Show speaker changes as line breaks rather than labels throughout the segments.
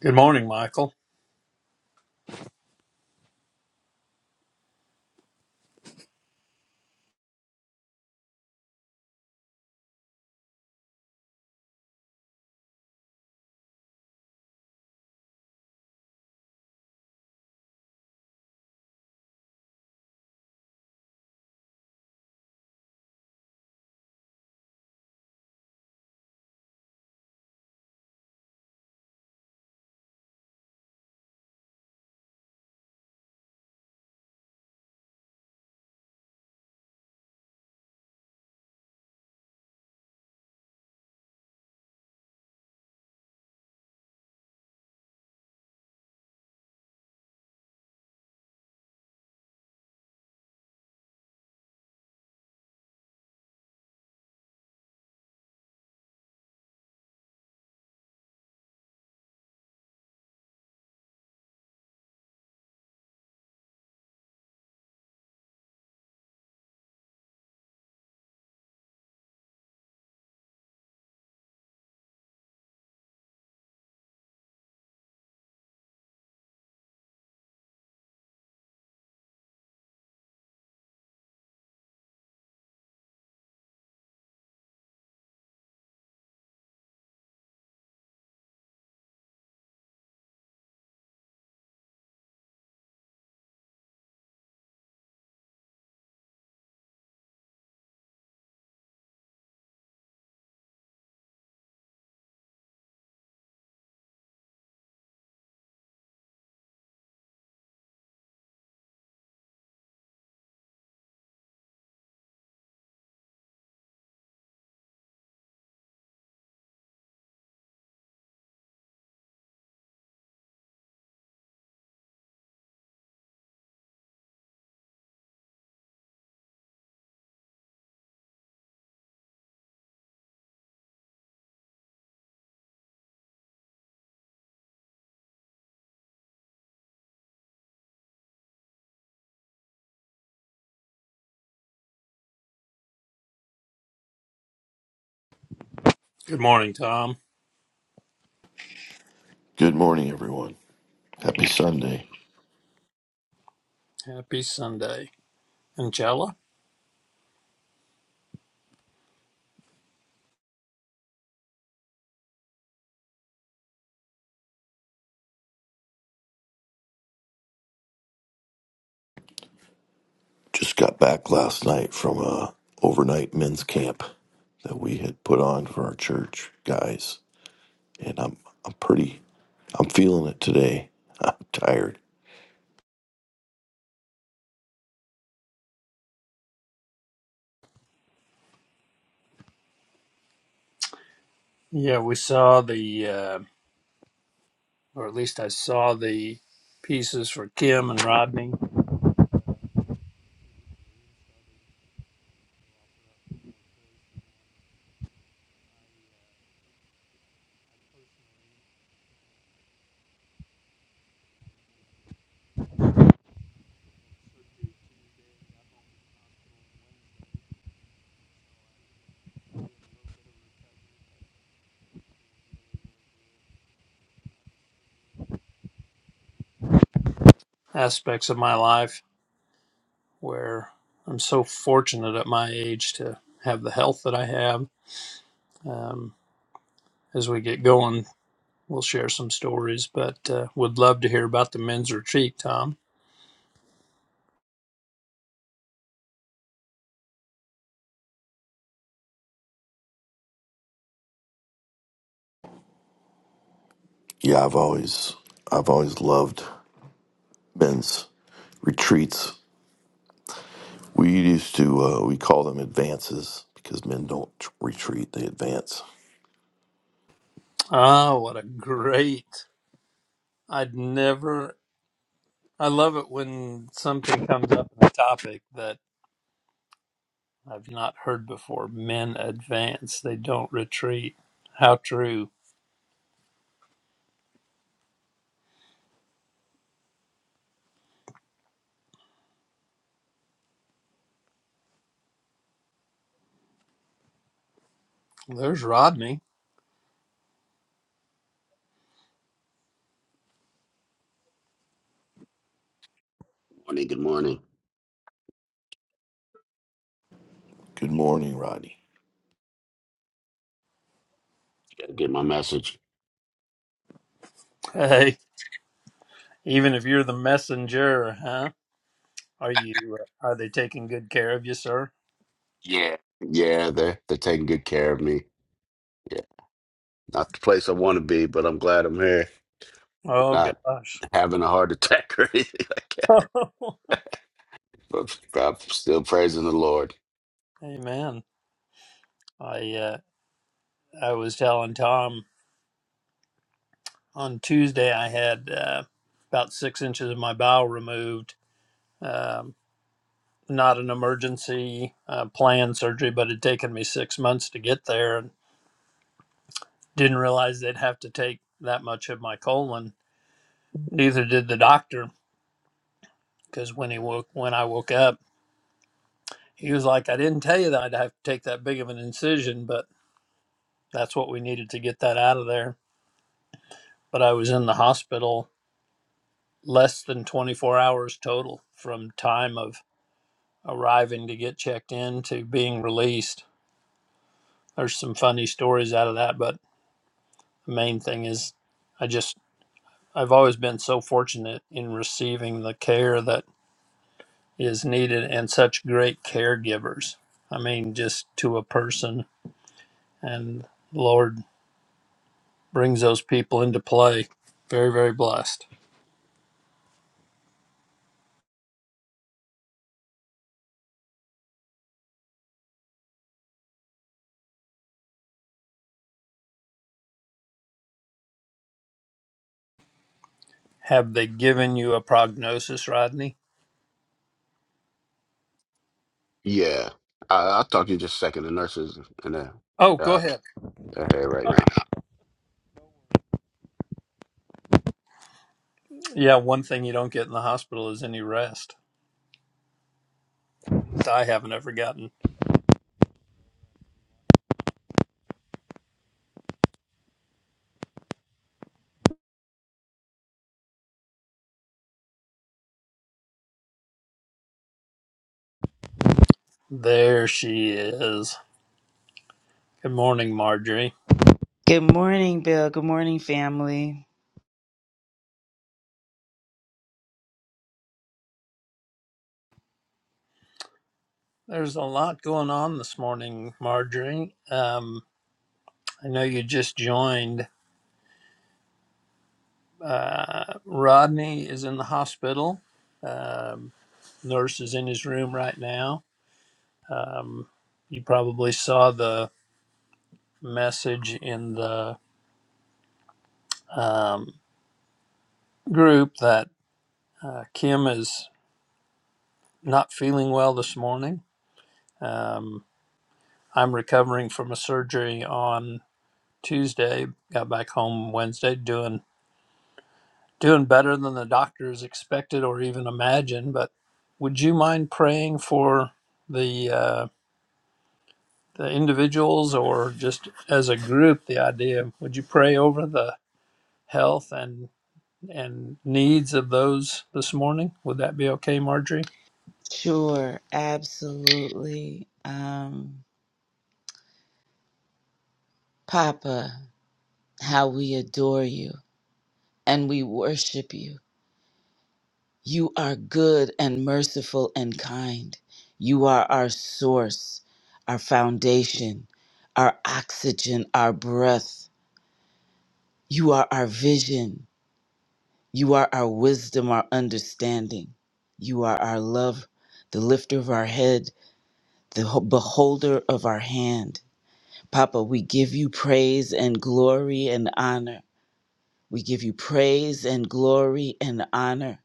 Good morning, Michael. Good morning, Tom.
Good morning, everyone. Happy Sunday.
Happy Sunday. Angela?
Just got back last night from a overnight men's camp that we had put on for our church guys, and I'm I'm pretty I'm feeling it today. I'm tired.
Yeah, we saw the, uh, or at least I saw the pieces for Kim and Rodney aspects of my life where I'm so fortunate at my age to have the health that I have. Um, as we get going, we'll share some stories, but uh, would love to hear about the men's retreat, Tom.
Yeah, I've always I've always loved men's retreats. We used to uh, we call them advances because men don't retreat; they advance.
Ah, what a great! I'd never. I love it when something comes up in a topic that I've not heard before. Men advance, they don't retreat. How true. There's Rodney.
Morning, good morning.
Good morning, Rodney.
Gotta get my message.
Hey, even if you're the messenger, huh? Are you? uh, Are they taking good care of you, sir?
Yeah. Yeah, they're they're taking good care of me. Yeah. Not the place I wanna be, but I'm glad I'm here.
Oh
Not
gosh.
having a heart attack or anything like that. But I'm still praising the Lord.
Amen. I uh, I was telling Tom on Tuesday I had uh, about six inches of my bowel removed. Um, not an emergency uh, planned surgery, but it had taken me six months to get there, Didn't realize they'd have to take that much of my colon. Neither did the doctor, because when he woke, when I woke up, he was like, "I didn't tell you that I'd have to take that big of an incision, but that's what we needed to get that out of there." But I was in the hospital less than 24 hours total from time of arriving to get checked in to being released. There's some funny stories out of that, but the main thing is, I just I've always been so fortunate in receiving the care that is needed and such great caregivers. I mean, just to a person. And the Lord brings those people into play. Very, very blessed. Have they given you a prognosis, Rodney?
Yeah. I I'll talk to you just a second. The nurses and the
Oh, go
uh
ahead.
they're here right now.
Yeah, one thing you don't get in the hospital is any rest. I haven't ever gotten. There she is. Good morning, Marjorie.
Good morning, Bill. Good morning, family.
There's a lot going on this morning, Marjorie. Um, I know you just joined, Uh, Rodney is in the hospital. Um, nurse is in his room right now. Um, you probably saw the message in the um, group that uh, Kim is not feeling well this morning. Um, I'm recovering from a surgery on Tuesday. Got back home Wednesday, doing doing better than the doctors expected or even imagined. But would you mind praying for the? uh, the individuals or just as a group the idea would you pray over the health and and needs of those this morning would that be okay marjorie
Sure, absolutely. Um, Papa, how we adore you and we worship you. You are good and merciful and kind. You are our source, our foundation, our oxygen, our breath. You are our vision. You are our wisdom, our understanding. You are our love, the lifter of our head, the ho- beholder of our hand. Papa, we give you praise and glory and honor. We give you praise and glory and honor.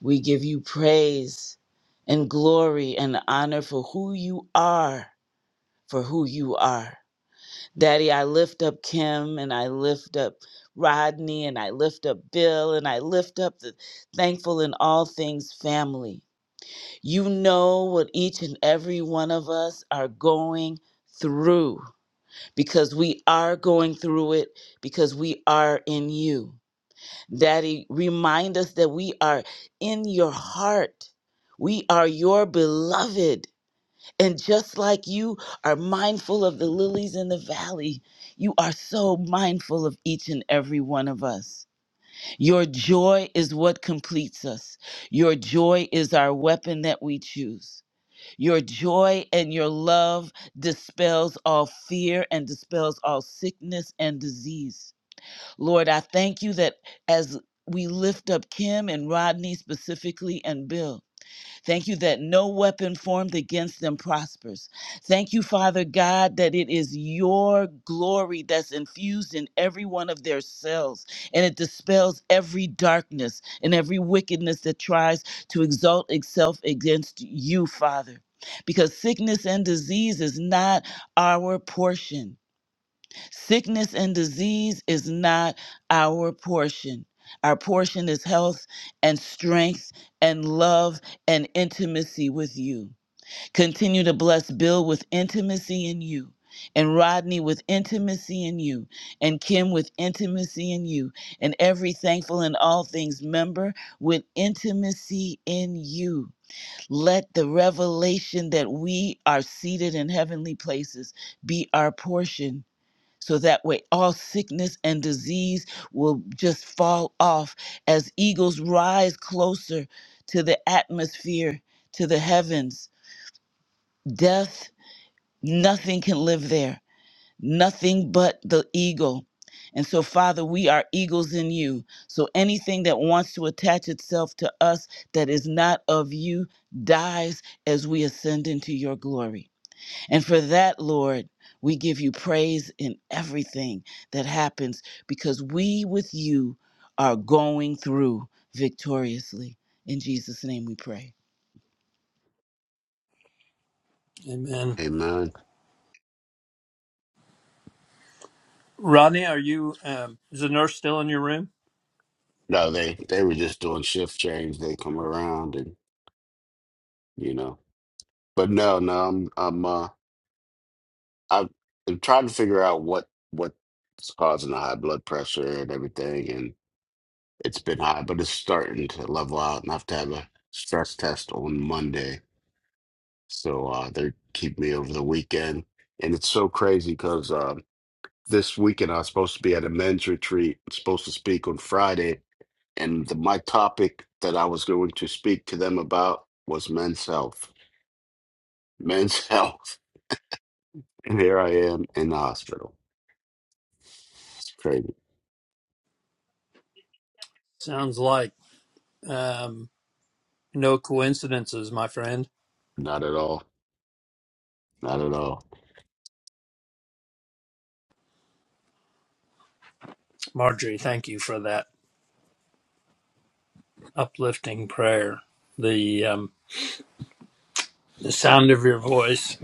We give you praise and glory and honor for who you are, for who you are. Daddy, I lift up Kim and I lift up Rodney and I lift up Bill and I lift up the thankful in all things family. You know what each and every one of us are going through because we are going through it because we are in you. Daddy, remind us that we are in your heart. We are your beloved. And just like you are mindful of the lilies in the valley, you are so mindful of each and every one of us. Your joy is what completes us. Your joy is our weapon that we choose. Your joy and your love dispels all fear and dispels all sickness and disease. Lord, I thank you that as we lift up Kim and Rodney specifically and Bill, Thank you that no weapon formed against them prospers. Thank you, Father God, that it is your glory that's infused in every one of their cells and it dispels every darkness and every wickedness that tries to exalt itself against you, Father. Because sickness and disease is not our portion. Sickness and disease is not our portion. Our portion is health and strength and love and intimacy with you. Continue to bless Bill with intimacy in you, and Rodney with intimacy in you, and Kim with intimacy in you, and every thankful and all things member with intimacy in you. Let the revelation that we are seated in heavenly places be our portion so that way all sickness and disease will just fall off as eagles rise closer to the atmosphere, to the heavens. Death, nothing can live there, nothing but the eagle. And so, Father, we are eagles in you. So anything that wants to attach itself to us that is not of you dies as we ascend into your glory. And for that, Lord, we give you praise in everything that happens because we with you are going through victoriously. In Jesus' name we pray.
amen
Amen.
rodney are you um, is the nurse still in your room
No, they they were just doing shift change. They come around and you know. But no, no, I'm I'm uh I've been trying to figure out what what's causing the high blood pressure and everything, and it's been high, but it's starting to level out, and I have to have a stress test on Monday. So uh, they keep me over the weekend, and it's so crazy because uh, this weekend I was supposed to be at a men's retreat, supposed to speak on Friday, and the, my topic that I was going to speak to them about was men's health, men's health, and here I am in the hospital. It's crazy,
sounds like um, no coincidences my friend
not at all. Not at all.
marjorie thank you for that uplifting prayer the um, the sound of your voice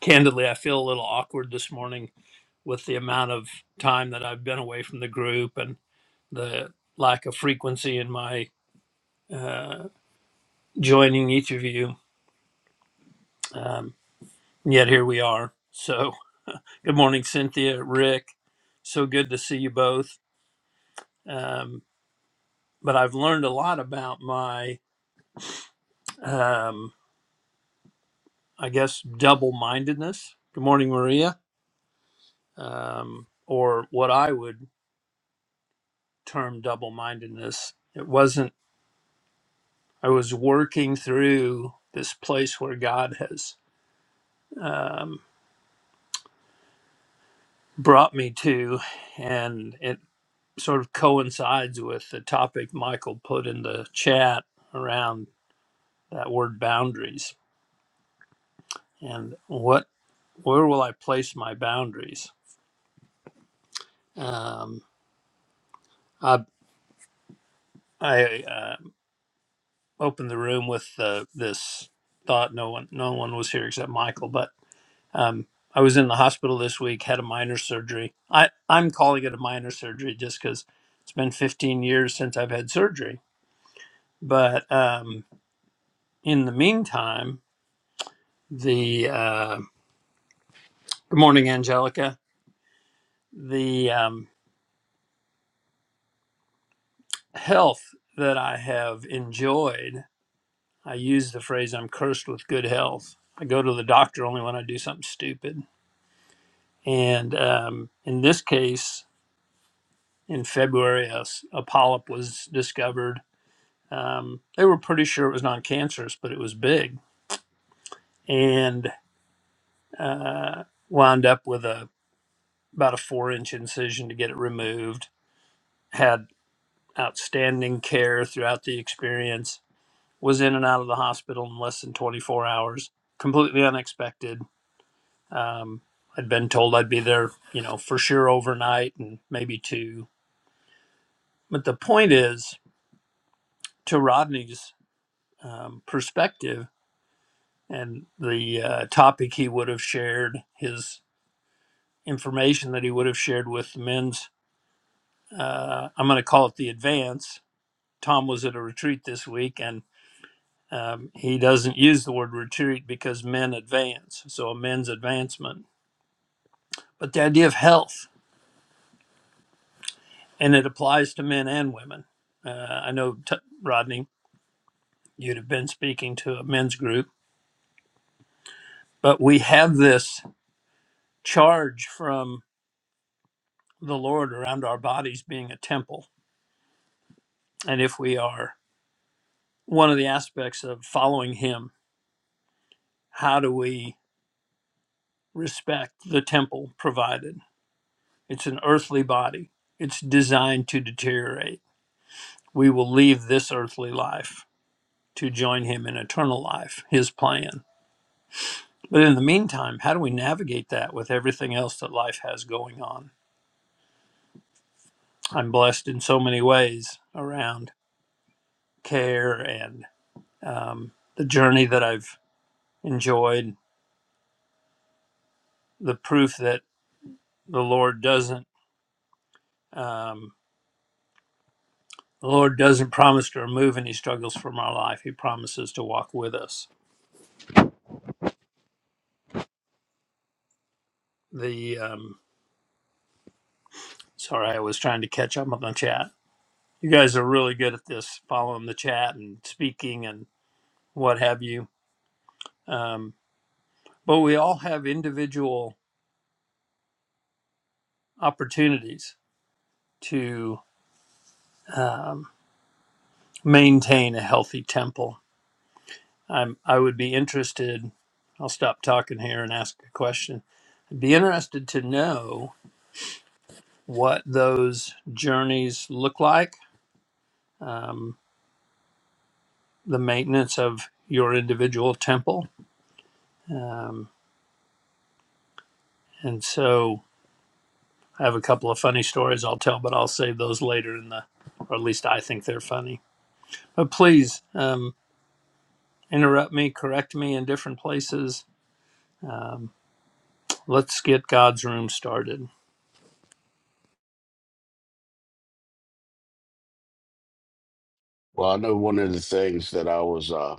candidly i feel a little awkward this morning with the amount of time that i've been away from the group and the lack of frequency in my uh, joining each of you. Um, yet here we are. So, good morning, Cynthia, Rick. So good to see you both. Um, but I've learned a lot about my, um, I guess, double mindedness. Good morning, Maria, um, or what I would term double mindedness. It wasn't, I was working through this place where God has um, brought me to, and it sort of coincides with the topic Michael put in the chat around that word boundaries and what where will I place my boundaries? Um, I I uh, opened the room with uh, this thought. No one no one was here except Michael, but um, I was in the hospital this week, had a minor surgery. I I'm calling it a minor surgery just because it's been 15 years since I've had surgery. But um, in the meantime, the uh, Good morning, Angelica. The um, health that I have enjoyed, I use the phrase I'm cursed with good health. I go to the doctor only when I do something stupid. And um, in this case, in February, a, s- a polyp was discovered. Um, they were pretty sure it was non cancerous, but it was big and wound up with a about a four inch incision to get it removed. Had outstanding care throughout the experience was in and out of the hospital in less than 24 hours. Completely unexpected. Um, I'd been told I'd be there, you know, for sure overnight and maybe two. But the point is, to Rodney's um, perspective and the uh, topic he would have shared, his information that he would have shared with the men's, uh, I'm going to call it the advance. Tom was at a retreat this week and um, he doesn't use the word retreat because men advance. So a men's advancement but the idea of health, and it applies to men and women. Uh, I know, t- Rodney, you'd have been speaking to a men's group, but we have this charge from the Lord around our bodies being a temple. And if we are one of the aspects of following Him, how do we respect the temple provided? It's an earthly body, it's designed to deteriorate. We will leave this earthly life to join Him in eternal life, His plan But in the meantime, how do we navigate that with everything else that life has going on? I'm blessed in so many ways around care and um, the journey that I've enjoyed. The proof that the Lord doesn't um, the Lord doesn't promise to remove any struggles from our life. He promises to walk with us. The um, sorry, I was trying to catch up on the chat. You guys are really good at this, following the chat and speaking and what have you. Um, but we all have individual opportunities to um, maintain a healthy temple. I'm, I would be interested, I'll stop talking here and ask a question. I'd be interested to know what those journeys look like, um, the maintenance of your individual temple. Um, and so I have a couple of funny stories I'll tell, but I'll save those later in the, or at least I think they're funny. But please, um, interrupt me, correct me in different places. Um, let's get God's room started.
Well, I know one of the things that I was uh,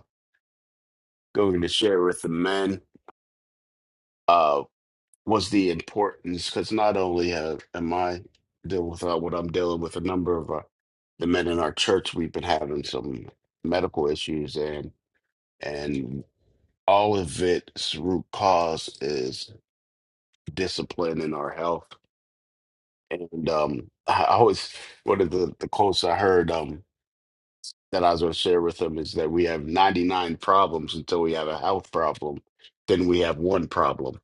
going to share with the men uh, was the importance, because not only have, am I dealing with uh, what I'm dealing with, a number of uh, the men in our church, we've been having some medical issues, and and all of its root cause is discipline in our health. And um, I I always one of the, the quotes I heard. um, that I was going to share with them is that we have 99 problems until we have a health problem. Then we have one problem.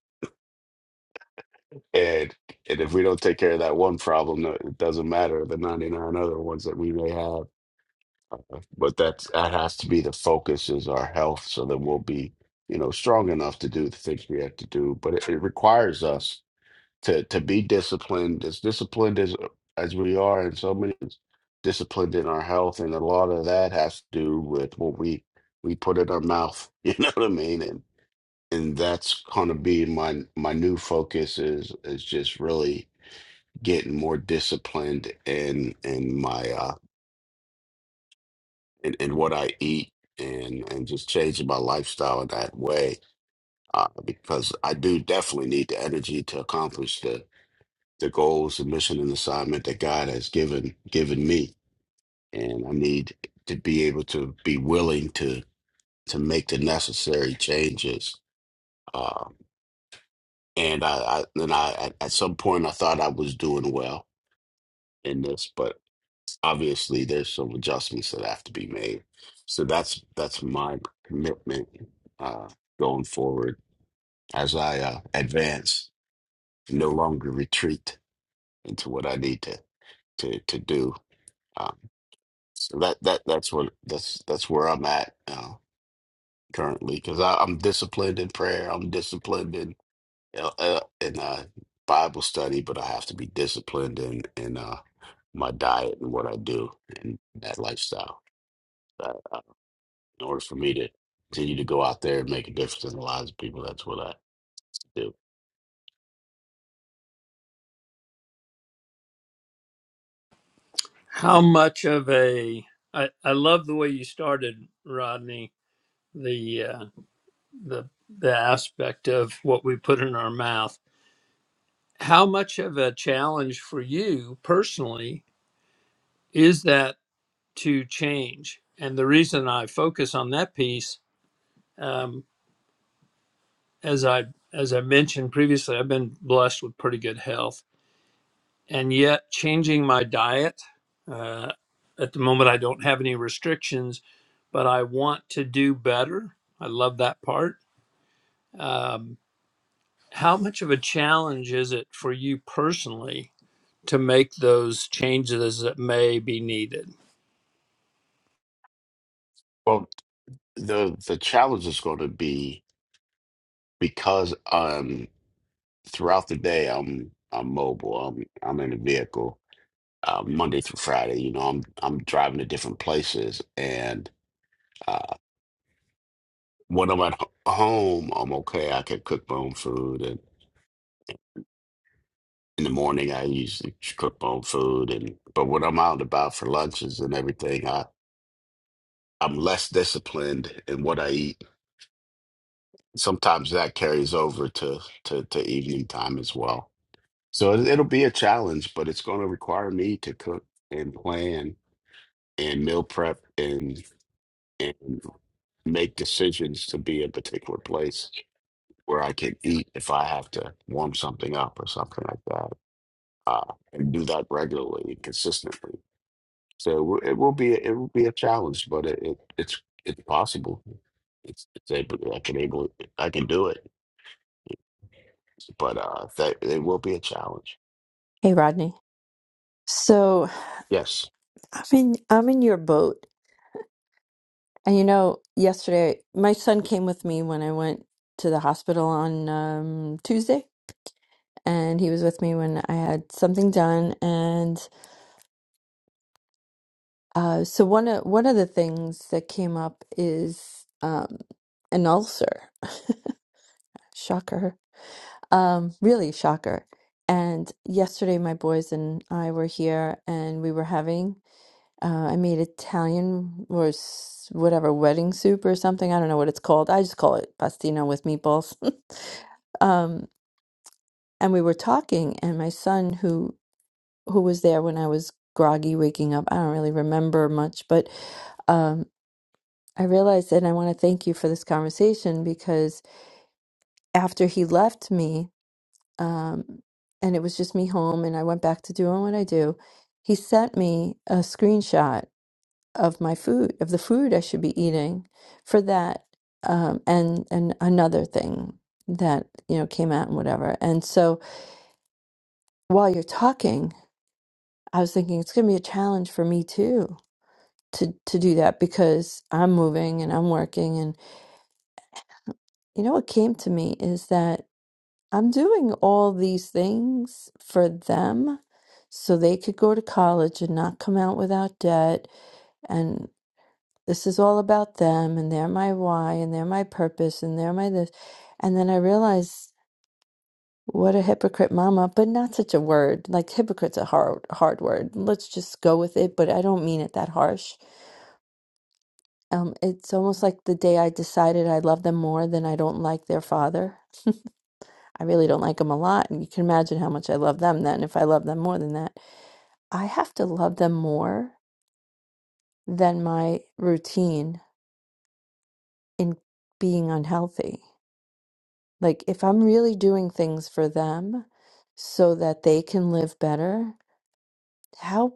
And, and if we don't take care of that one problem, no- it doesn't matter the 99 other ones that we may have. But that's, that has to be the focus is our health so that we'll be, you know, strong enough to do the things we have to do. But it, it requires us to to be disciplined as disciplined as as we are and so many is disciplined in our health and a lot of that has to do with what we we put in our mouth you know what i mean and and that's gonna be my my new focus is is just really getting more disciplined in in my uh in, in what i eat and and just changing my lifestyle in that way uh, because i do definitely need the energy to accomplish the. the goals, the mission, and assignment that God has given given me, and I need to be able to be willing to to make the necessary changes. Uh, and I, I then I at, at some point I thought I was doing well in this, but obviously there's some adjustments that have to be made. So that's that's my commitment uh, going forward as I uh, advance, no longer retreat into what I need to to to do. Um, So that that that's what that's that's where I'm at uh, currently because I'm disciplined in prayer. I'm disciplined in uh, uh, in uh, Bible study, but I have to be disciplined in in uh, my diet and what I do and that lifestyle. Uh, uh, in order for me to continue to go out there and make a difference in the lives of people, that's what I do.
How much of a I, I love the way you started, Rodney. The uh, the the aspect of what we put in our mouth. How much of a challenge for you personally is that to change? And the reason I focus on that piece, um, as I as I mentioned previously, I've been blessed with pretty good health and yet changing my diet. Uh, at the moment, I don't have any restrictions, but I want to do better. I love that part. Um, how much of a challenge is it for you personally to make those changes that may be needed?
Well, the the challenge is going to be because um throughout the day I'm I'm mobile. I'm I'm in a vehicle uh, Monday through Friday. You know, I'm I'm driving to different places, and uh, when I'm at h- home, I'm okay. I can cook my own food, and in the morning, I usually ch- cook my own food. And but when I'm out and about for lunches and everything, I I'm less disciplined in what I eat. Sometimes that carries over to to, to evening time as well. So it, it'll be a challenge, but it's going to require me to cook and plan and meal prep and. make decisions to be in a particular place where I can eat if I have to warm something up or something like that, uh, and do that regularly and consistently. So it will it will be it will be a challenge, but it, it it's it's possible. It's, it's able I can able I can do it, but uh, that it will be a challenge.
Hey Rodney. So
Yes,
I'm in I'm in your boat. And you know, yesterday my son came with me when I went to the hospital on um, Tuesday, and he was with me when I had something done. And uh, so one of one of the things that came up is um, an ulcer. Shocker. Um, really shocker. And yesterday my boys and I were here, and we were having Uh, I made Italian or s- whatever wedding soup or something. I don't know what it's called. I just call it pastino with meatballs. Um, and we were talking, and my son, who who was there when I was groggy waking up, I don't really remember much, but um, I realized, and I want to thank you for this conversation because after he left me, um, and it was just me home, and I went back to doing what I do, he sent me a screenshot of my food, of the food I should be eating for that um, and and another thing that you know came out and whatever. And so while you're talking, I was thinking it's going to be a challenge for me too to to do that because I'm moving and I'm working and you know what came to me is that I'm doing all these things for them so they could go to college and not come out without debt and. this is all about them and they're my why and they're my purpose and they're my this and then i realized what a hypocrite mama but not such a word like hypocrite's a hard hard word let's just go with it but i don't mean it that harsh um it's almost like the day i decided i love them more than i don't like their father i really don't like them a lot and you can imagine how much i love them then if i love them more than that i have to love them more than my routine in being unhealthy Like, if I'm really doing things for them so that they can live better, how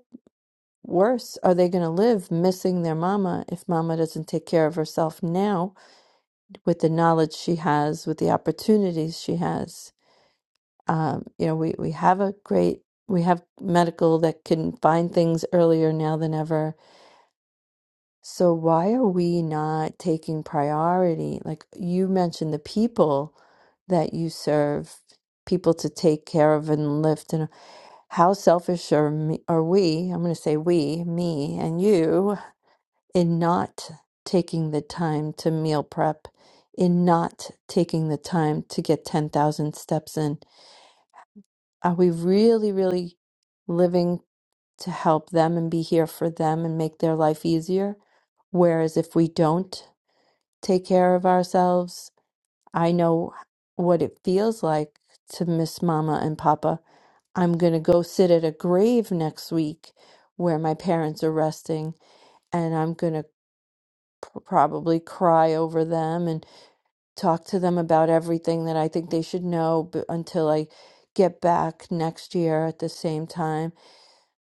worse are they going to live missing their mama if mama doesn't take care of herself now with the knowledge she has, with the opportunities she has? Um, you know, we, we have a great, we have medical that can find things earlier now than ever. So, why are we not taking priority? Like you mentioned, the people that you serve people to take care of and lift. How selfish are, me, are we? I'm going to say we, me, and you in not taking the time to meal prep, in not taking the time to get 10,000 steps in. Are we really, really living to help them and be here for them and make their life easier? Whereas if we don't take care of ourselves, I know what it feels like to miss mama and papa. I'm going to go sit at a grave next week where my parents are resting, and I'm going to pr- probably cry over them and talk to them about everything that I think they should know b- until I get back next year at the same time.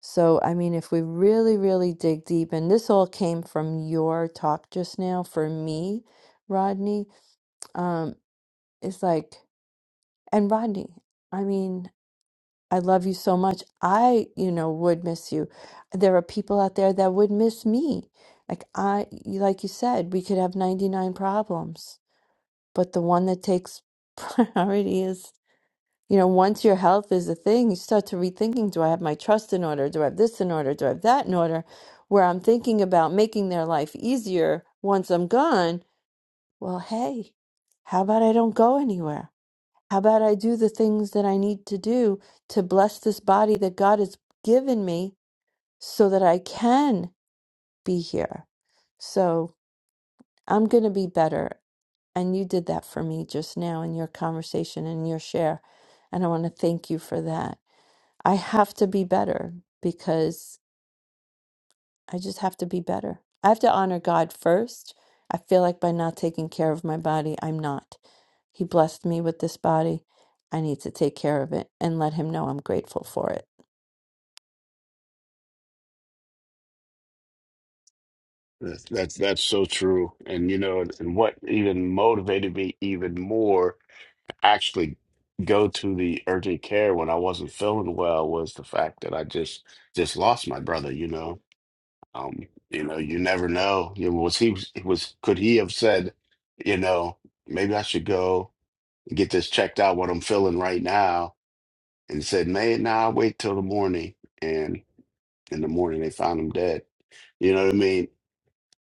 So, I mean, if we really, really dig deep, and this all came from your talk just now for me, Rodney, um, it's like, And Rodney, I mean, I love you so much. I, you know, would miss you. There are people out there that would miss me. Like I, you- like you said, we could have 99 problems, but the one that takes priority is, you know, once your health is a thing, you start to rethinking, do I have my trust in order? Do I have this in order? Do I have that in order? Where I'm thinking about making their life easier once I'm gone. Well, hey, how about I don't go anywhere? How about I do the things that I need to do to bless this body that God has given me so that I can be here? So I'm going to be better. And you did that for me just now in your conversation and your share. And I want to thank you for that. I have to be better because I just have to be better. I have to honor God first. I feel like by not taking care of my body, I'm not. He blessed me with this body. I need to take care of it and let him know I'm grateful for it.
that's that's, that's so true. And you know, and what even motivated me even more actually go to the urgent care when I wasn't feeling well was the fact that I just just lost my brother, you know. Um, you know, you never know. You know, was he was could he have said, you know, maybe I should go get this checked out what I'm feeling right now and said, Man, nah, wait till the morning and in the morning they found him dead. You know what I mean?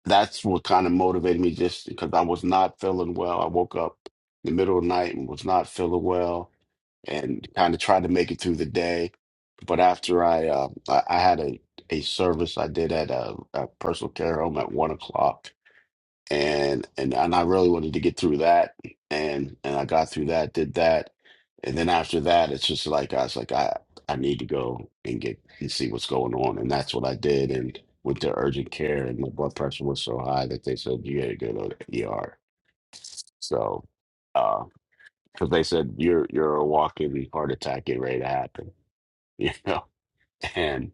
That's what kind of motivated me just because I was not feeling well. I woke up in the middle of the night and was not feeling well and kind of tried to make it through the day. But after I uh, I, I had a, a service I did at a, a personal care home at one o'clock, and and and I really wanted to get through that, and and I got through that, did that, and then after that, it's just like I was like I I need to go and get and see what's going on, and that's what I did, and went to urgent care, and my blood pressure was so high that they said you got to go to the ER. So, uh, because they said you're you're a walking heart attack getting ready to happen you know and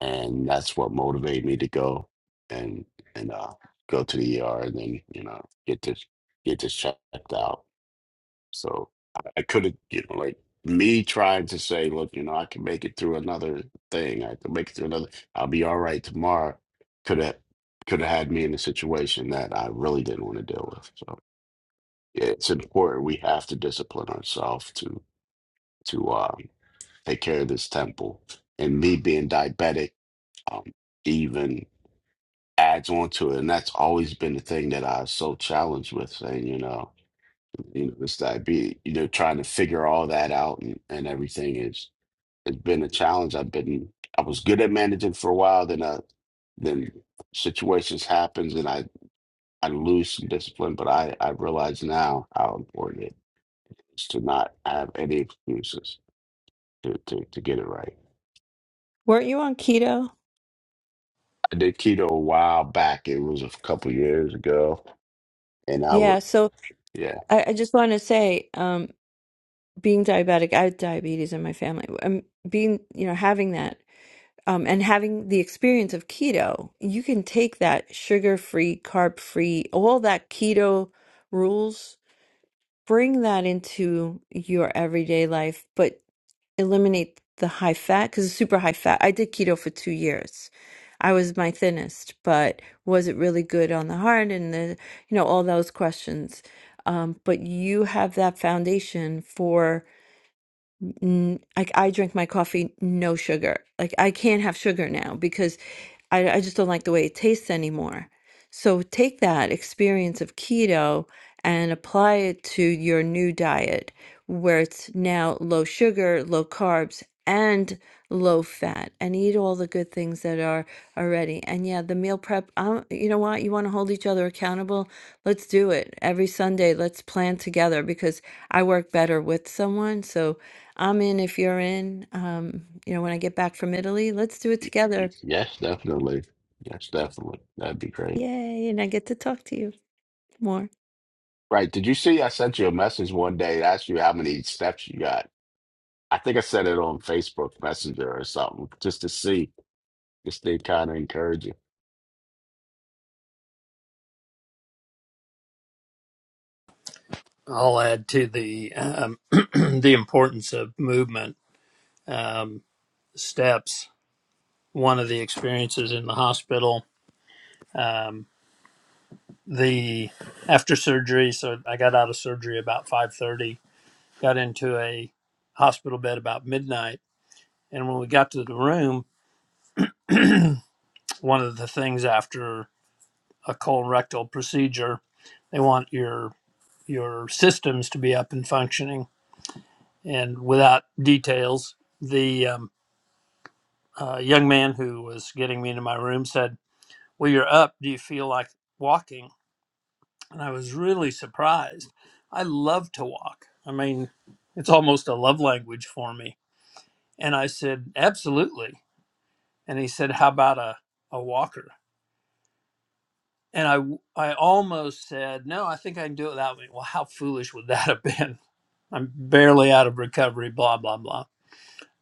and that's what motivated me to go and and uh go to the ER and then you know get this get this checked out so I, I could have you know like me trying to say look you know I can make it through another thing I can make it through another I'll be all right tomorrow could have could have had me in a situation that I really didn't want to deal with so yeah, it's important we have to discipline ourselves to to um, take care of this temple and me being diabetic um, even adds on to it. And that's always been the thing that I was so challenged with saying, you know, you know, this diabetes, you know, trying to figure all that out and, and everything is it's been a challenge. I've been I was good at managing for a while, then I then situations happens and I, I lose some discipline, but I, I realize now how important it is to not have any excuses to, to, to get it right.
Weren't you on keto?
I did keto a while back. It was a couple years ago, and I would.
Yeah, so I, I just want to say, um, being diabetic, I have diabetes in my family. Um, being, you know, having that, um, and having the experience of keto, you can take that sugar-free, carb-free, all that keto rules, bring that into your everyday life, but eliminate the high fat because it's super high fat. I did keto for two years. I was my thinnest, but was it really good on the heart and the, you know, all those questions. Um, but you have that foundation for n- like I drink my coffee no sugar. Like I can't have sugar now because I I just don't like the way it tastes anymore. So take that experience of keto and apply it to your new diet where it's now low sugar, low carbs and low fat and eat all the good things that are already. And yeah, the meal prep, um, you know what? You want to hold each other accountable? Let's do it. Every Sunday, let's plan together because I work better with someone. So I'm in if you're in. Um, you know, when I get back from Italy, let's do it
Y- y-
together.
Yes, definitely. Yes, definitely. That'd be great.
Yay, and I get to talk to you more.
Right. Did you see I sent you a message one day to ask you how many steps you got? I think I sent it on Facebook Messenger or something just to see, just to kind of encourage you.
I'll add to the um, the importance of movement um, steps. One of the experiences in the hospital. um, the after surgery so i got out of surgery about 5.30 got into a hospital bed about midnight and when we got to the room one of the things after a colorectal procedure they want your your systems to be up and functioning and without details the um, uh, young man who was getting me into my room said well you're up do you feel like walking and I was really surprised. I love to walk. I mean, it's almost a love language for me. And I said, absolutely. And he said, how about a, a walker? And I, w- I almost said, no, I think I can do it without me. Well, how foolish would that have been? I'm barely out of recovery, blah, blah, blah.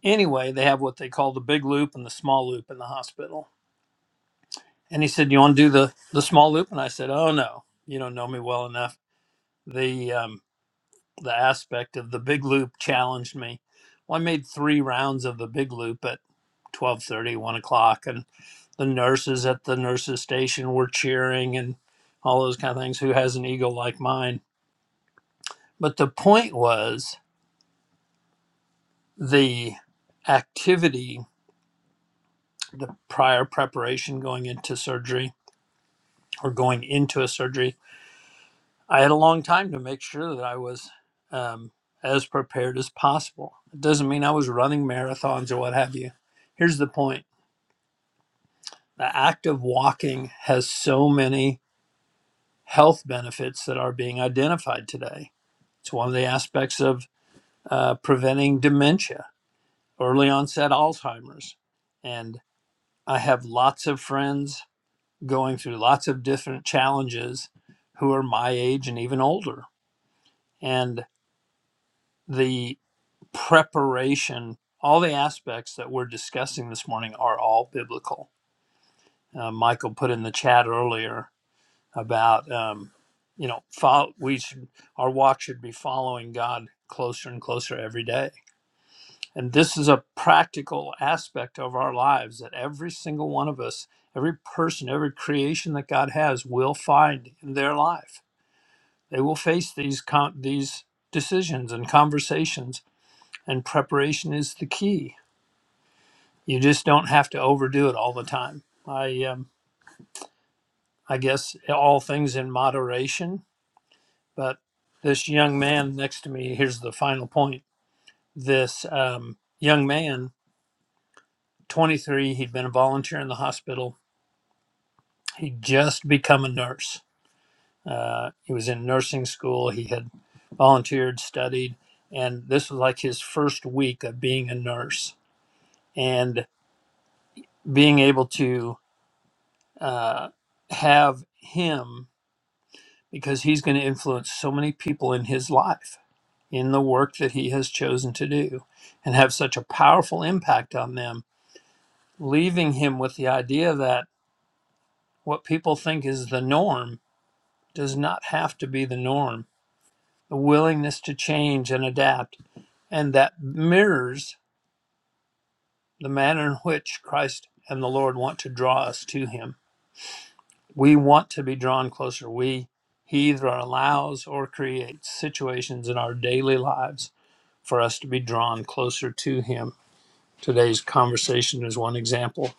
Anyway, they have what they call the big loop and the small loop in the hospital. And he said, you want to do the, the small loop? And I said, oh, no, you don't know me well enough. The um, the aspect of the big loop challenged me. Well, I made three rounds of the big loop at 12:30, 1 o'clock, and the nurses at the nurses station were cheering and all those kind of things. Who has an ego like mine? But the point was the activity, the prior preparation going into surgery or going into a surgery. I had a long time to make sure that I was um, as prepared as possible. It doesn't mean I was running marathons or what have you. Here's the point The act of walking has so many health benefits that are being identified today. It's one of the aspects of uh, preventing dementia, early onset Alzheimer's. And I have lots of friends going through lots of different challenges who are my age and even older. And the preparation, all the aspects that we're discussing this morning are all biblical. Uh, Michael put in the chat earlier about um, you know follow, we should our walk should be following God closer and closer every day. And this is a practical aspect of our lives that every single one of us, every person, every creation that God has will find in their life. They will face these con- these decisions and conversations and preparation is the key. You just don't have to overdo it all the time. I um, I guess all things in moderation But this young man next to me, here's the final point. This um, young man, 23, he'd been a volunteer in the hospital. He'd just become a nurse. Uh, he was in nursing school. He had volunteered, studied, and this was like his first week of being a nurse and being able to uh, have him because he's going to influence so many people in his life in the work that he has chosen to do and have such a powerful impact on them, leaving him with the idea that what people think is the norm does not have to be the norm. The willingness to change and adapt, and that mirrors the manner in which Christ and the Lord want to draw us to him. We want to be drawn closer. We he either allows or creates situations in our daily lives for us to be drawn closer to him Today's conversation is one example.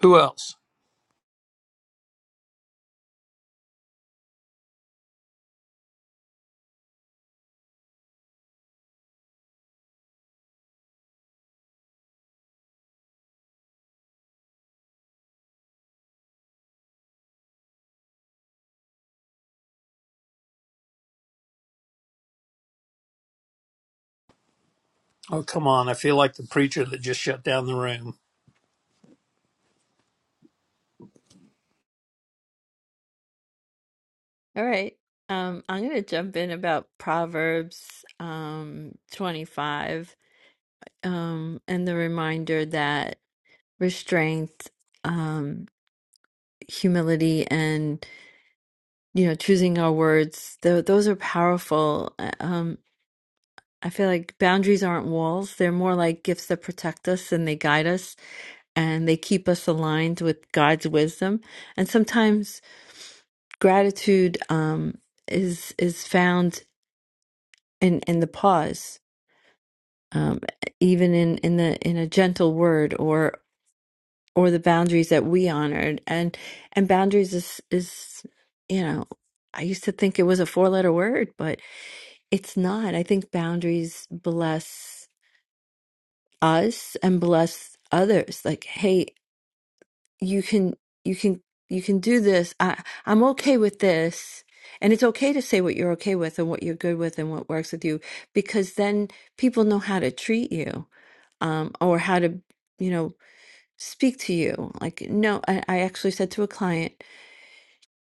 Who else? Oh, come on. I feel like the preacher that just shut down the room.
All right. Um, I'm gonna jump in about Proverbs um 25 um and the reminder that restraint, um, humility and you know, choosing our words, th those are powerful. Uh, Um I feel like boundaries aren't walls. They're more like gifts that protect us and they guide us and they keep us aligned with God's wisdom. And sometimes gratitude um, is is found in in the pause, um, even in in the in a gentle word or or the boundaries that we honored and and boundaries is is you know I used to think it was a four letter word, but it's not. I think boundaries bless. us and bless others like hey you can you can you can do this i i'm okay with this and it's okay to say what you're okay with and what you're good with and what works with you because then people know how to treat you um or how to you know speak to you like no i, I actually said to a client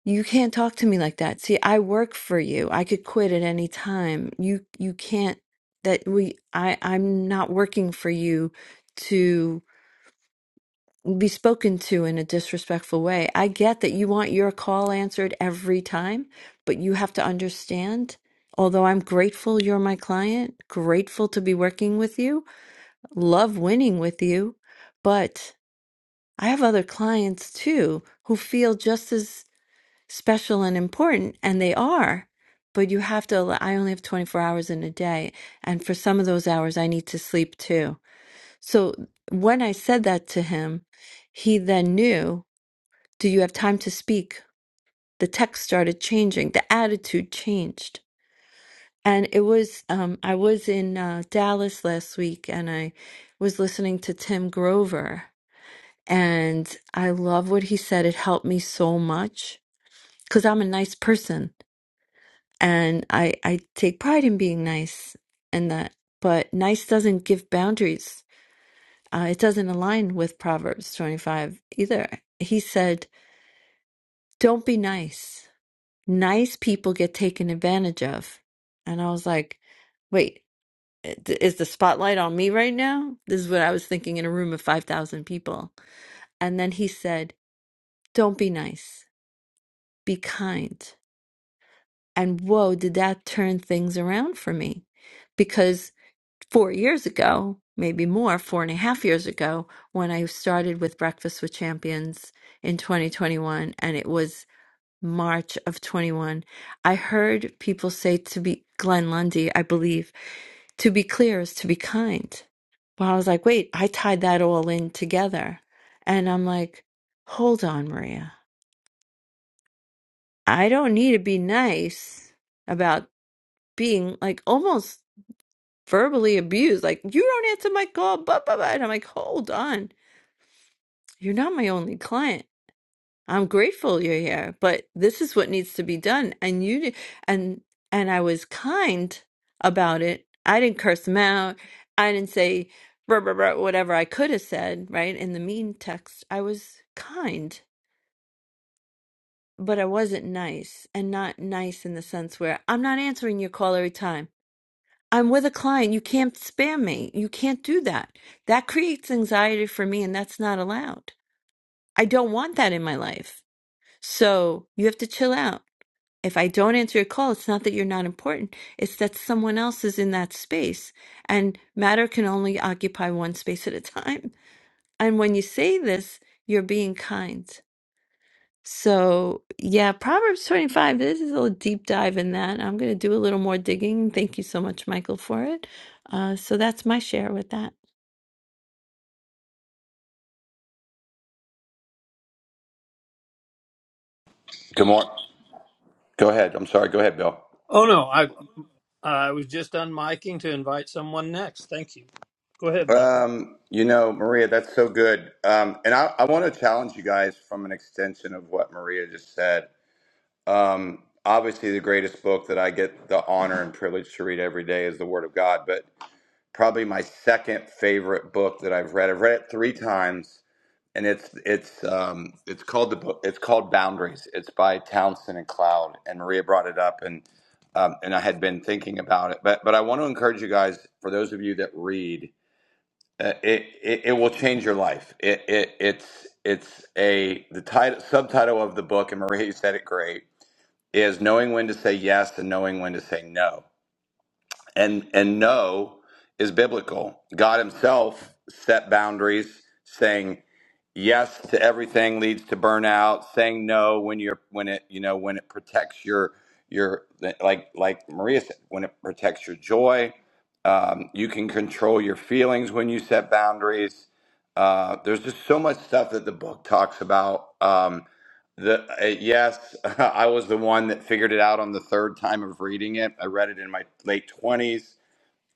you can't talk to me like that see i work for you i could quit at any time you you can't that we i i'm not working for you to be spoken to in a disrespectful way. I get that you want your call answered every time, but you have to understand, although I'm grateful you're my client, grateful to be working with you, love winning with you, but I have other clients too who feel just as special and important, and they are. But you have to, allow- I only have 24 hours in a day. And for some of those hours, I need to sleep too. So when I said that to him, he then knew do you have time to speak? The text started changing, the attitude changed. And it was, um, I was in uh, Dallas last week and I was listening to Tim Grover. And I love what he said. It helped me so much because I'm a nice person and I, I take pride in being nice and that. But nice doesn't give boundaries, uh, it doesn't align with Proverbs 25 either. He said, Don't be nice. nice people get taken advantage of. And I was like, wait, th- is the spotlight on me right now? This is what I was thinking in a room of 5,000 people. And then he said, don't be nice, be kind. And whoa, did that turn things around for me? Because four years ago, maybe more, four and a half years ago, when I started with Breakfast with Champions in 2021, and it was March of 21, I heard people say to be Glenn Lundy, I believe, to be clear is to be kind. Well, I was like, wait, I tied that all in together. And I'm like, hold on, Maria. I don't need to be nice about being like almost verbally abused. Like, you don't answer my call, blah, blah, blah. And I'm like, hold on. You're not my only client. I'm grateful you're here, but this is what needs to be done. And you di- and and I was kind about it. I didn't curse him out. I didn't say "Bruh, bruh, bruh," whatever I could have said, right? In the mean text, I was kind, but I wasn't nice. And not nice in the sense where I'm not answering your call every time. I'm with a client. You can't spam me. You can't do that. That creates anxiety for me, and that's not allowed. I don't want that in my life. So you have to chill out. if I don't answer your call, it's not that you're not important. It's that someone else is in that space and matter can only occupy one space at a time. And when you say this, you're being kind. So, yeah, Proverbs 25, this is a little deep dive in that. I'm going to do a little more digging. Thank you so much, Michael, for it. Uh, so that's my share with that.
Good morning. Go ahead. I'm sorry. Go ahead, Bill.
Oh, no. I, I was just unmiking to invite someone next. Thank you. Go ahead, Michael.
Um, you know, Maria, that's so good. Um, and I, I want to challenge you guys from an extension of what Maria just said. Um, obviously, the greatest book that I get the honor and privilege to read every day is the Word of God, but probably my second favorite book that I've read. I've read it three times and it's it's um it's called the book it's called Boundaries. It's by Townsend and Cloud, and Maria brought it up, and um, and I had been thinking about it, but but I want to encourage you guys for those of you that read, uh, it, it it will change your life. It it it's it's a the title subtitle of the book, and Maria you said it great is knowing when to say yes and knowing when to say no and and no is biblical. God himself set boundaries saying yes to everything leads to burnout, saying no when you're when it you know when it protects your your like like Maria said when it protects your joy. Um, you can control your feelings when you set boundaries. Uh, there's just so much stuff that the book talks about. Um, the uh, yes, I was the one that figured it out on the third time of reading it. I read it in my late twenties,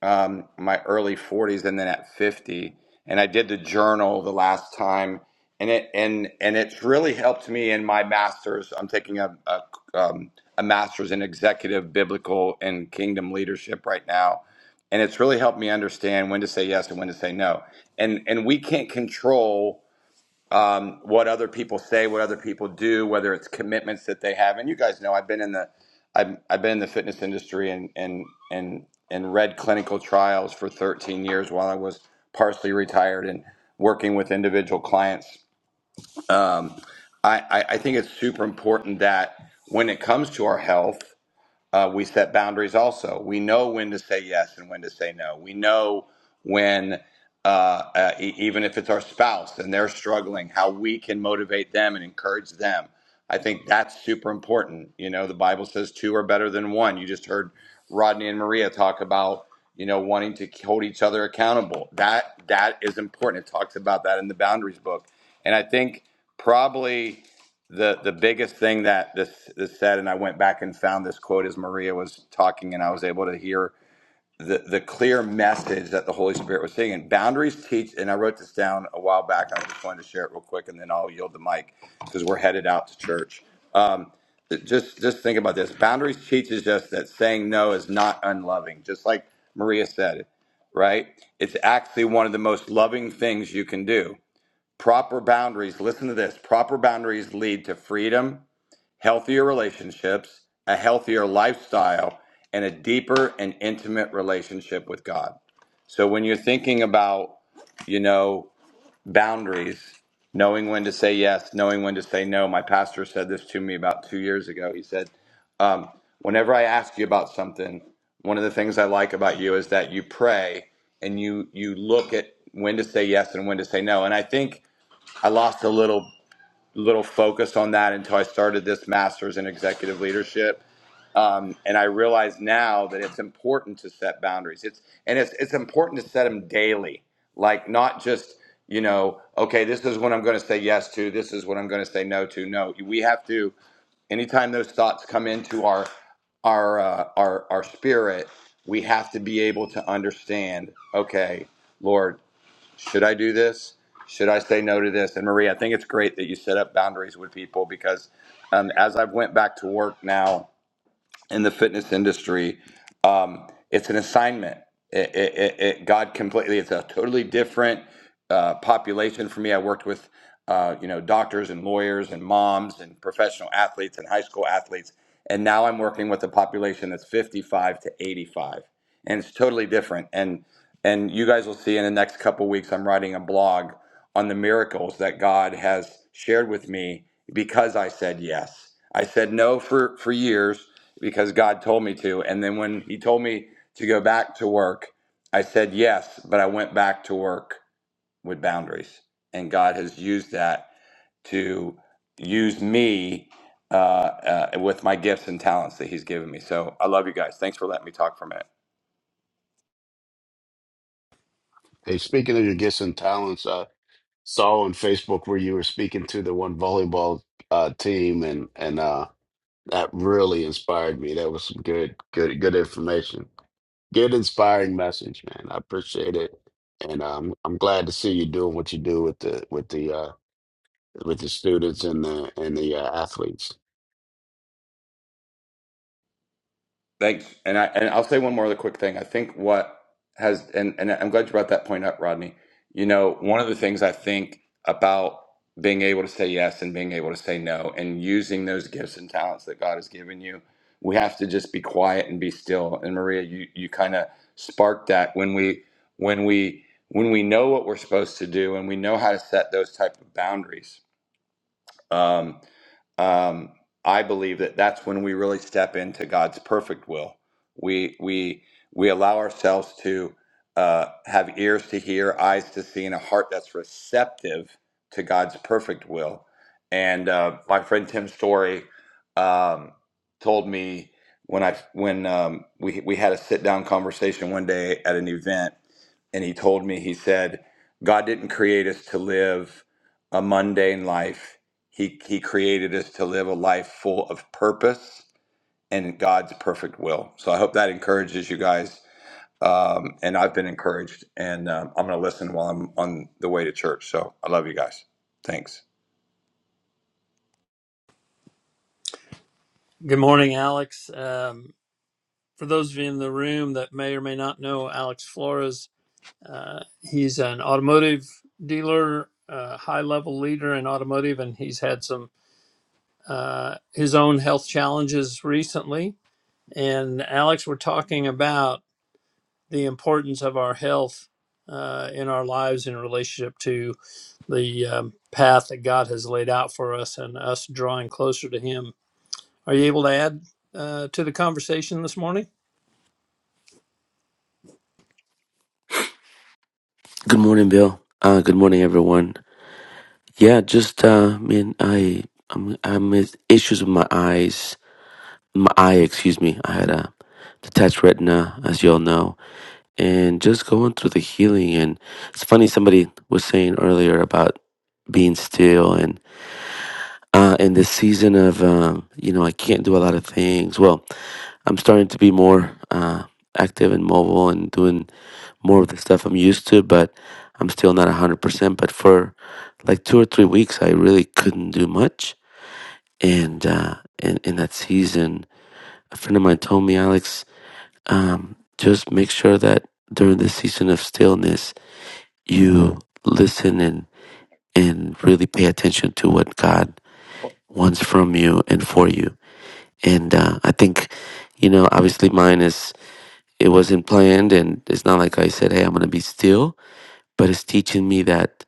um, my early forties, and then at fifty. And I did the journal the last time, and it and and it's really helped me in my master's. I'm taking a a, um, a master's in executive biblical and kingdom leadership right now, and it's really helped me understand when to say yes and when to say no. And and we can't control um, what other people say, what other people do, whether it's commitments that they have. And you guys know I've been in the I've, I've been in the fitness industry and and and and read clinical trials for 13 years while I was partially retired and working with individual clients. Um, I, I I think it's super important that when it comes to our health. Uh, we set boundaries also. We know when to say yes and when to say no. We know when, uh, uh, e- even if it's our spouse and they're struggling, how we can motivate them and encourage them. I think that's super important. You know, the Bible says two are better than one. You just heard Rodney and Maria talk about you know wanting to hold each other accountable. That that is important. It talks about that in the boundaries book, and I think probably the the biggest thing that this this said, and I went back and found this quote as Maria was talking, and I was able to hear the the clear message that the Holy Spirit was saying. And boundaries teach, and I wrote this down a while back. I just wanted to share it real quick, and then I'll yield the mic because we're headed out to church. Um, just just think about this. Boundaries teaches us that saying no is not unloving, just like Maria said, right? It's actually one of the most loving things you can do Proper boundaries, listen to this proper boundaries lead to freedom, healthier relationships, a healthier lifestyle, and a deeper and intimate relationship with God. So when you're thinking about, you know, boundaries, knowing when to say yes, knowing when to say no, my pastor said this to me about two years ago. He said, um, whenever I ask you about something, one of the things I like about you is that you pray and you you look at when to say yes and when to say no. And I think I lost a little little focused on that until I started this master's in executive leadership. Um, and I realize now that it's important to set boundaries. It's and it's it's important to set them daily, like not just you know, okay, this is what I'm going to say yes to. This is what I'm going to say no to. No, we have to. Anytime those thoughts come into our our uh, our our spirit, we have to be able to understand. Okay, Lord should I do this? Should I say no to this? And Marie, I think it's great that you set up boundaries with people because um, as I've went back to work now in the fitness industry, um, it's an assignment. It, it, it, it- God completely. It's a totally different uh, population for me. I worked with uh, you know doctors and lawyers and moms and professional athletes and high school athletes, and now I'm working with a population that's 55 to 85, and it's totally different. And and you guys will see in the next couple weeks, I'm writing a blog on the miracles that God has shared with me because I said yes. I said no for for years because God told me to. And then when He told me to go back to work, I said yes, but I went back to work with boundaries. And God has used that to use me uh, uh, with my gifts and talents that He's given me. So I love you guys. Thanks for letting me talk for a minute.
Hey, speaking of your gifts and talents, I saw on Facebook where you were speaking to the one volleyball uh, team, and and uh, that really inspired me. That was some good, good, good information. Good inspiring message, man. I appreciate it. And um, I'm glad to see you doing what you do with the with the uh with the students and the and the uh, athletes.
Thanks. And I and I'll say one more other quick thing. I think what has and, and I'm glad you brought that point up, Rodney. You know, one of the things I think about being able to say yes and being able to say no and using those gifts and talents that God has given you, we have to just be quiet and be still. And Maria, you you kind of sparked that when we when we when we know what we're supposed to do and we know how to set those type of boundaries um, um, I believe that that's when we really step into God's perfect will. We we we allow ourselves to uh, have ears to hear, eyes to see, and a heart that's receptive to God's perfect will. And uh, my friend Tim Story um, told me when I when um, we we had a sit down conversation one day at an event, and he told me he said God didn't create us to live a mundane life he he created us to live a life full of purpose and God's perfect will. So I hope that encourages you guys. Um, and I've been encouraged, and um, I'm going to listen while I'm on the way to church. So I love you guys. Thanks.
Good morning, Alex. Um, for those of you in the room that may or may not know Alex Flores, uh, he's an automotive dealer, uh, high level leader in automotive, and he's had some uh, his own health challenges recently. And Alex, we're talking about the importance of our health uh, in our lives in relationship to the um, path that God has laid out for us and us drawing closer to Him. Are you able to add uh, to the conversation this morning?
Good morning, Bill. Uh, good morning, everyone. Yeah, just uh, man, I I'm I'm with issues with my eyes, my eye, excuse me. I had a detached retina, as you all know, and just going through the healing. And it's funny, somebody was saying earlier about being still, and. Uh, in this season of, um, you know, I can't do a lot of things. Well, I'm starting to be more uh, active and mobile and doing more of the stuff I'm used to, but I'm still not 100%. But for like two or three weeks, I really couldn't do much. And uh, in, in that season, a friend of mine told me, Alex, um, just make sure that during the season of stillness, you listen and, and really pay attention to what God wants from you and for you And uh, I think, you know, obviously mine is, it wasn't planned. And it's not like I said, hey, I'm going to be still. But it's teaching me that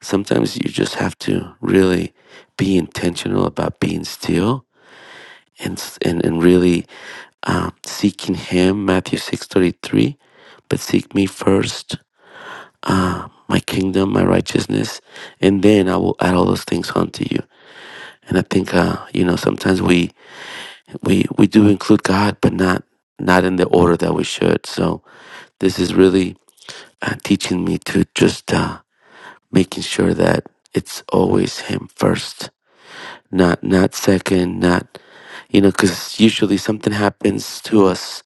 sometimes you just have to really be intentional about being still and, s- and, and really uh, seeking Him, Matthew 6.33, but seek me first, uh, my kingdom, my righteousness, and then I will add all those things unto you. And I think, uh, you know, sometimes we we we do include God, but not not in the order that we should. So this is really uh, teaching me to just uh, making sure that it's always Him first, not not second, not you know, because usually something happens to us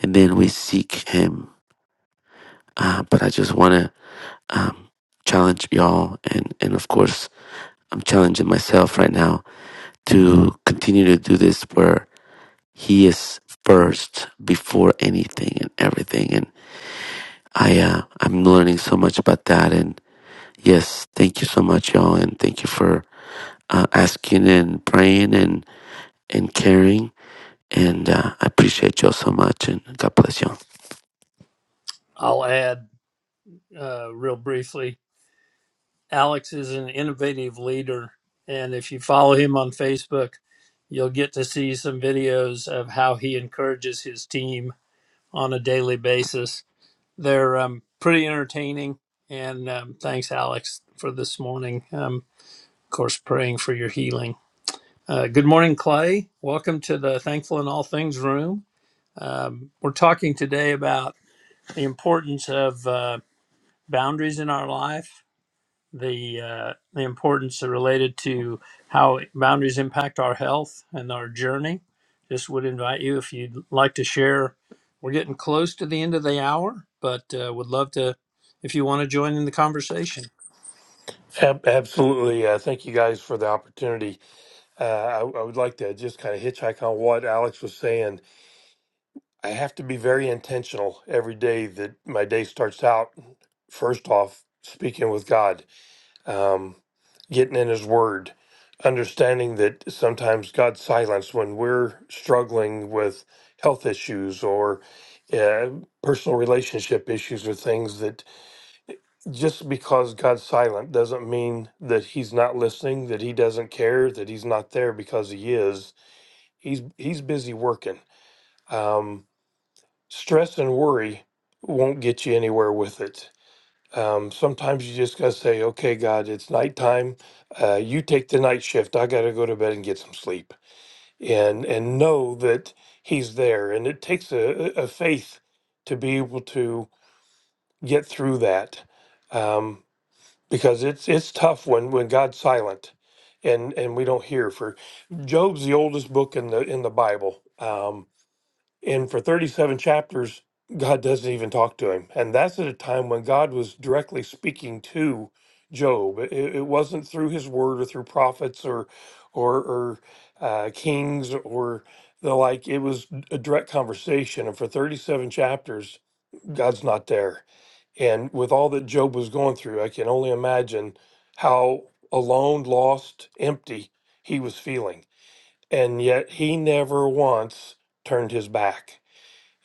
and then we seek Him. Uh, but I just want to um, challenge y'all, and and of course I'm challenging myself right now to continue to do this where He is first before anything and everything, and. I uh, I'm learning so much about that, and yes, thank you so much, y'all, and thank you for uh, asking and praying and and caring, and uh, I appreciate y'all so much, and God bless y'all.
I'll add uh, real briefly. Alex is an innovative leader, and if you follow him on Facebook, you'll get to see some videos of how he encourages his team on a daily basis They're um, pretty entertaining. And um, thanks, Alex, for this morning. Um, of course, praying for your healing. Uh, good morning, Clay. Welcome to the Thankful in All Things room. Um, we're talking today about the importance of uh, boundaries in our life the uh, the importance related to how boundaries impact our health and our journey. Just would invite you if you'd like to share. We're getting close to the end of the hour, but uh, would love to if you want to join in the conversation.
Ab- Absolutely. Uh, thank you guys for the opportunity. Uh, I, I would like to just kind of hitchhike on what Alex was saying. I have to be very intentional every day that my day starts out, first off, speaking with God, um, getting in His Word, understanding that sometimes God's silence when we're struggling with health issues or uh, personal relationship issues or things that just because God's silent doesn't mean that he's not listening, that he doesn't care, that he's not there because he is. He's he's busy working. Um, stress and worry won't get you anywhere with it. Um, sometimes you just gotta say, "Okay, God, it's nighttime. Uh, you take the night shift. I gotta go to bed and get some sleep." And and know that He's there. And it takes a, a a faith to be able to get through that. Um, because it's it's tough when when God's silent and and we don't hear for Job's the oldest book in the in the Bible um and for 37 chapters God doesn't even talk to him and that's at a time when God was directly speaking to Job it, it wasn't through his word or through prophets or or or uh, kings or the like it was a direct conversation and for 37 chapters God's not there and with all that Job was going through, I can only imagine how alone, lost, empty he was feeling. And yet he never once turned his back.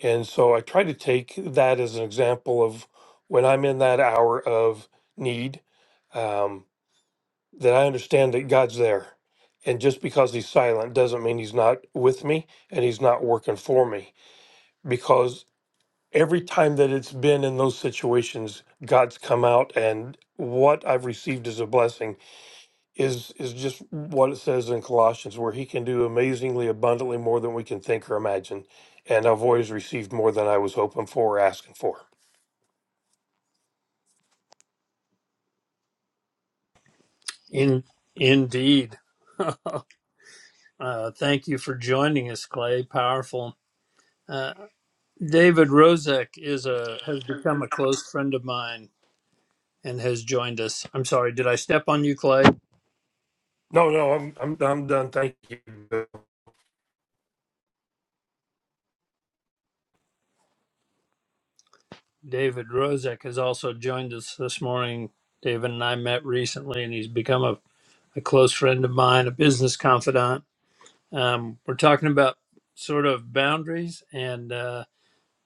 And so I try to take that as an example of when I'm in that hour of need, um, that I understand that God's there. And just because he's silent doesn't mean he's not with me and he's not working for me. Because every time that it's been in those situations god's come out and what i've received as a blessing is is just what it says in colossians where he can do amazingly abundantly more than we can think or imagine and i've always received more than i was hoping for or asking for
In indeed, uh, thank you for joining us, Clay. Powerful. Uh, David Rozek is a has become a close friend of mine and has joined us. I'm sorry, did I step on you, Clay?
no no i'm i'm, I'm done thank you
David Rozek has also joined us this morning. David and I met recently, and he's become a, a close friend of mine, a business confidant. Um, we're talking about sort of boundaries and uh,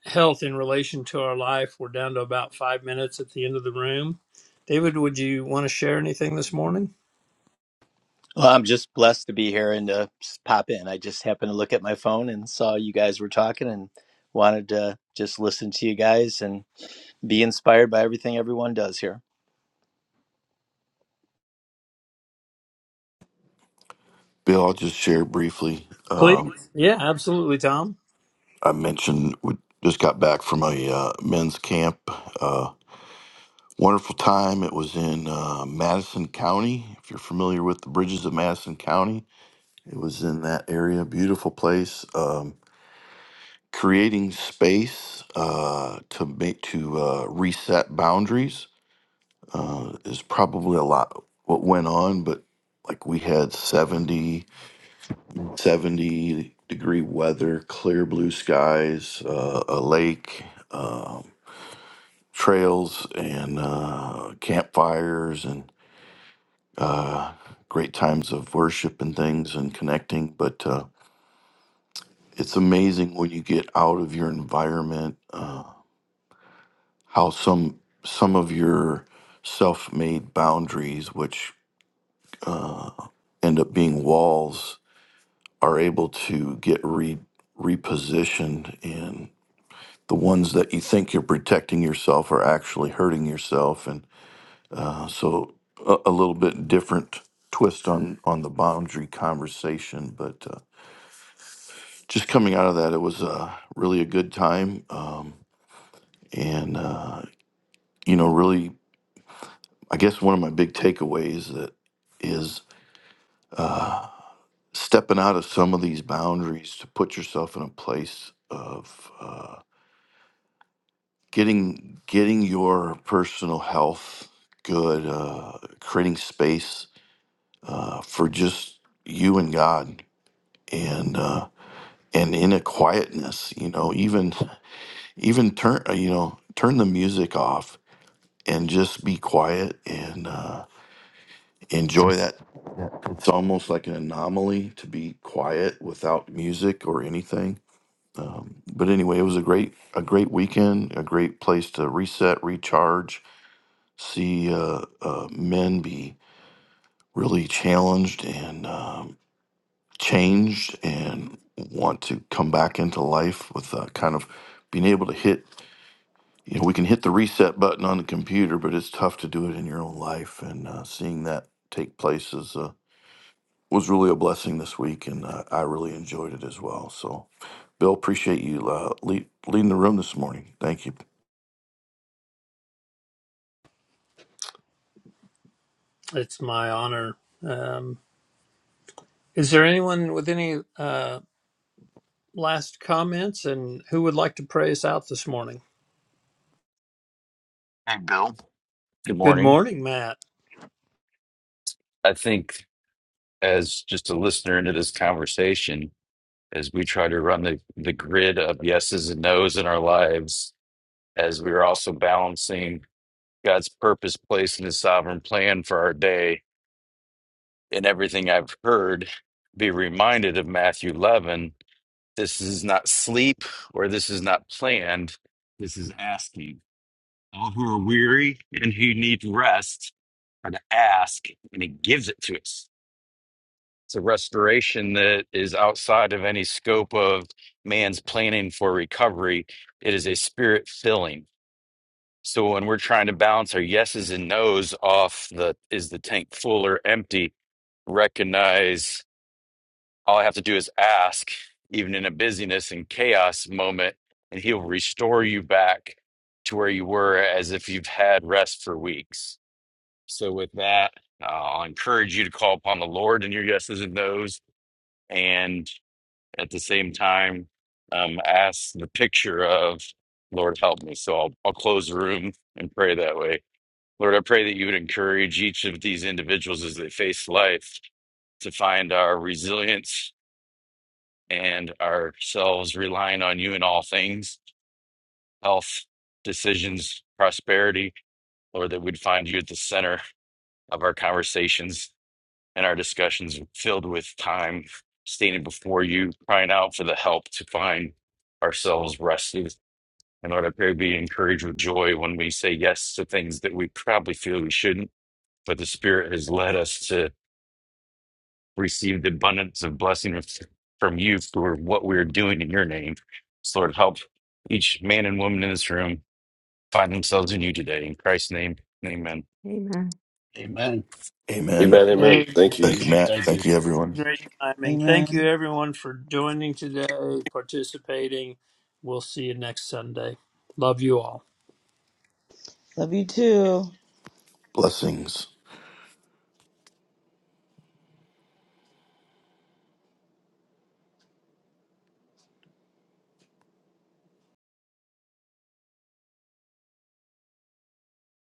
health in relation to our life. We're down to about five minutes at the end of the room. David, would you want to share anything this morning?
Well, I'm just blessed to be here and to just pop in. I just happened to look at my phone and saw you guys were talking and wanted to just listen to you guys and be inspired by everything everyone does here.
Bill, I'll just share briefly. Um,
Please. Yeah, absolutely, Tom.
I mentioned we just got back from a uh, men's camp. Uh, wonderful time. It was in uh, Madison County. If you're familiar with the bridges of Madison County, it was in that area. Beautiful place. Um, creating space uh, to make to uh, reset boundaries uh, is probably a lot what went on, but like we had 70 70 degree weather clear blue skies uh, a lake um, trails and uh, campfires and great times of worship and things and connecting. But uh, it's amazing when you get out of your environment uh, how some some of your self-made boundaries, which end up being walls, are able to get re- repositioned and the ones that you think you're protecting yourself are actually hurting yourself So a, a little bit different twist on on the boundary conversation, but uh, just coming out of that, it was uh, really a good time, um, and uh, you know, really, I guess one of my big takeaways that is stepping out of some of these boundaries to put yourself in a place of uh, getting getting your personal health good, uh, creating space uh, for just you and God, and. Uh, and in a quietness you know even even turn uh, you know turn the music off and just be quiet and uh, enjoy that it's almost like an anomaly to be quiet without music or anything um, but anyway it was a great a great weekend a great place to reset recharge see uh, uh, men be really challenged and um, changed and want to come back into life with uh, kind of being able to hit you know, we can hit the reset button on the computer, but it's tough to do it in your own life. And uh, seeing that take place is uh, was really a blessing this week, and uh, I really enjoyed it as well. So, Bill, appreciate you uh, lead, leading the room this morning. Thank you.
It's my honor. Um, is there anyone with any uh, last comments and who would like to pray us out this morning?
Hey, Bill. Good
Good
morning.
morning, Matt.
I think as just a listener into this conversation, as we try to run the, the grid of yeses and nos in our lives, as we're also balancing God's purpose, place, and his sovereign plan for our day, in everything I've heard, be reminded of Matthew 11. This is not sleep or this is not planned. This is asking. All who are weary and who need rest are to ask, and he gives it to us It's a restoration that is outside of any scope of man's planning for recovery. It is a spirit filling. So when we're trying to balance our yeses and nos off the is the tank full or empty, recognize all I have to do is ask, even in a busyness and chaos moment, and he'll restore you back to where you were as if you've had rest for weeks. So with that, uh, I'll encourage you to call upon the Lord in your yeses and nos. And at the same time um, ask the picture of lord help me so I'll, I'll close the room and pray that way lord i pray that you would encourage each of these individuals as they face life to find our resilience and ourselves relying on you in all things health decisions prosperity lord that we'd find you at the center of our conversations and our discussions filled with time standing before you, crying out for the help to find ourselves rested. And Lord, I pray we be encouraged with joy when we say yes to things that we probably feel we shouldn't, but the Spirit has led us to receive the abundance of blessing f- from you for what we're doing in your name. So, Lord, help each man and woman in this room find themselves in you today. In Christ's name, amen.
Amen.
Amen.
Amen.
Amen. Amen.
Hey.
Thank you.
Thank you.
Amen.
Matt.
Thank
Thank
you.
you, everyone.
Great timing.
Amen.
Thank you, everyone, for joining today, participating. We'll see you next Sunday. Love you all.
Love you too.
Blessings.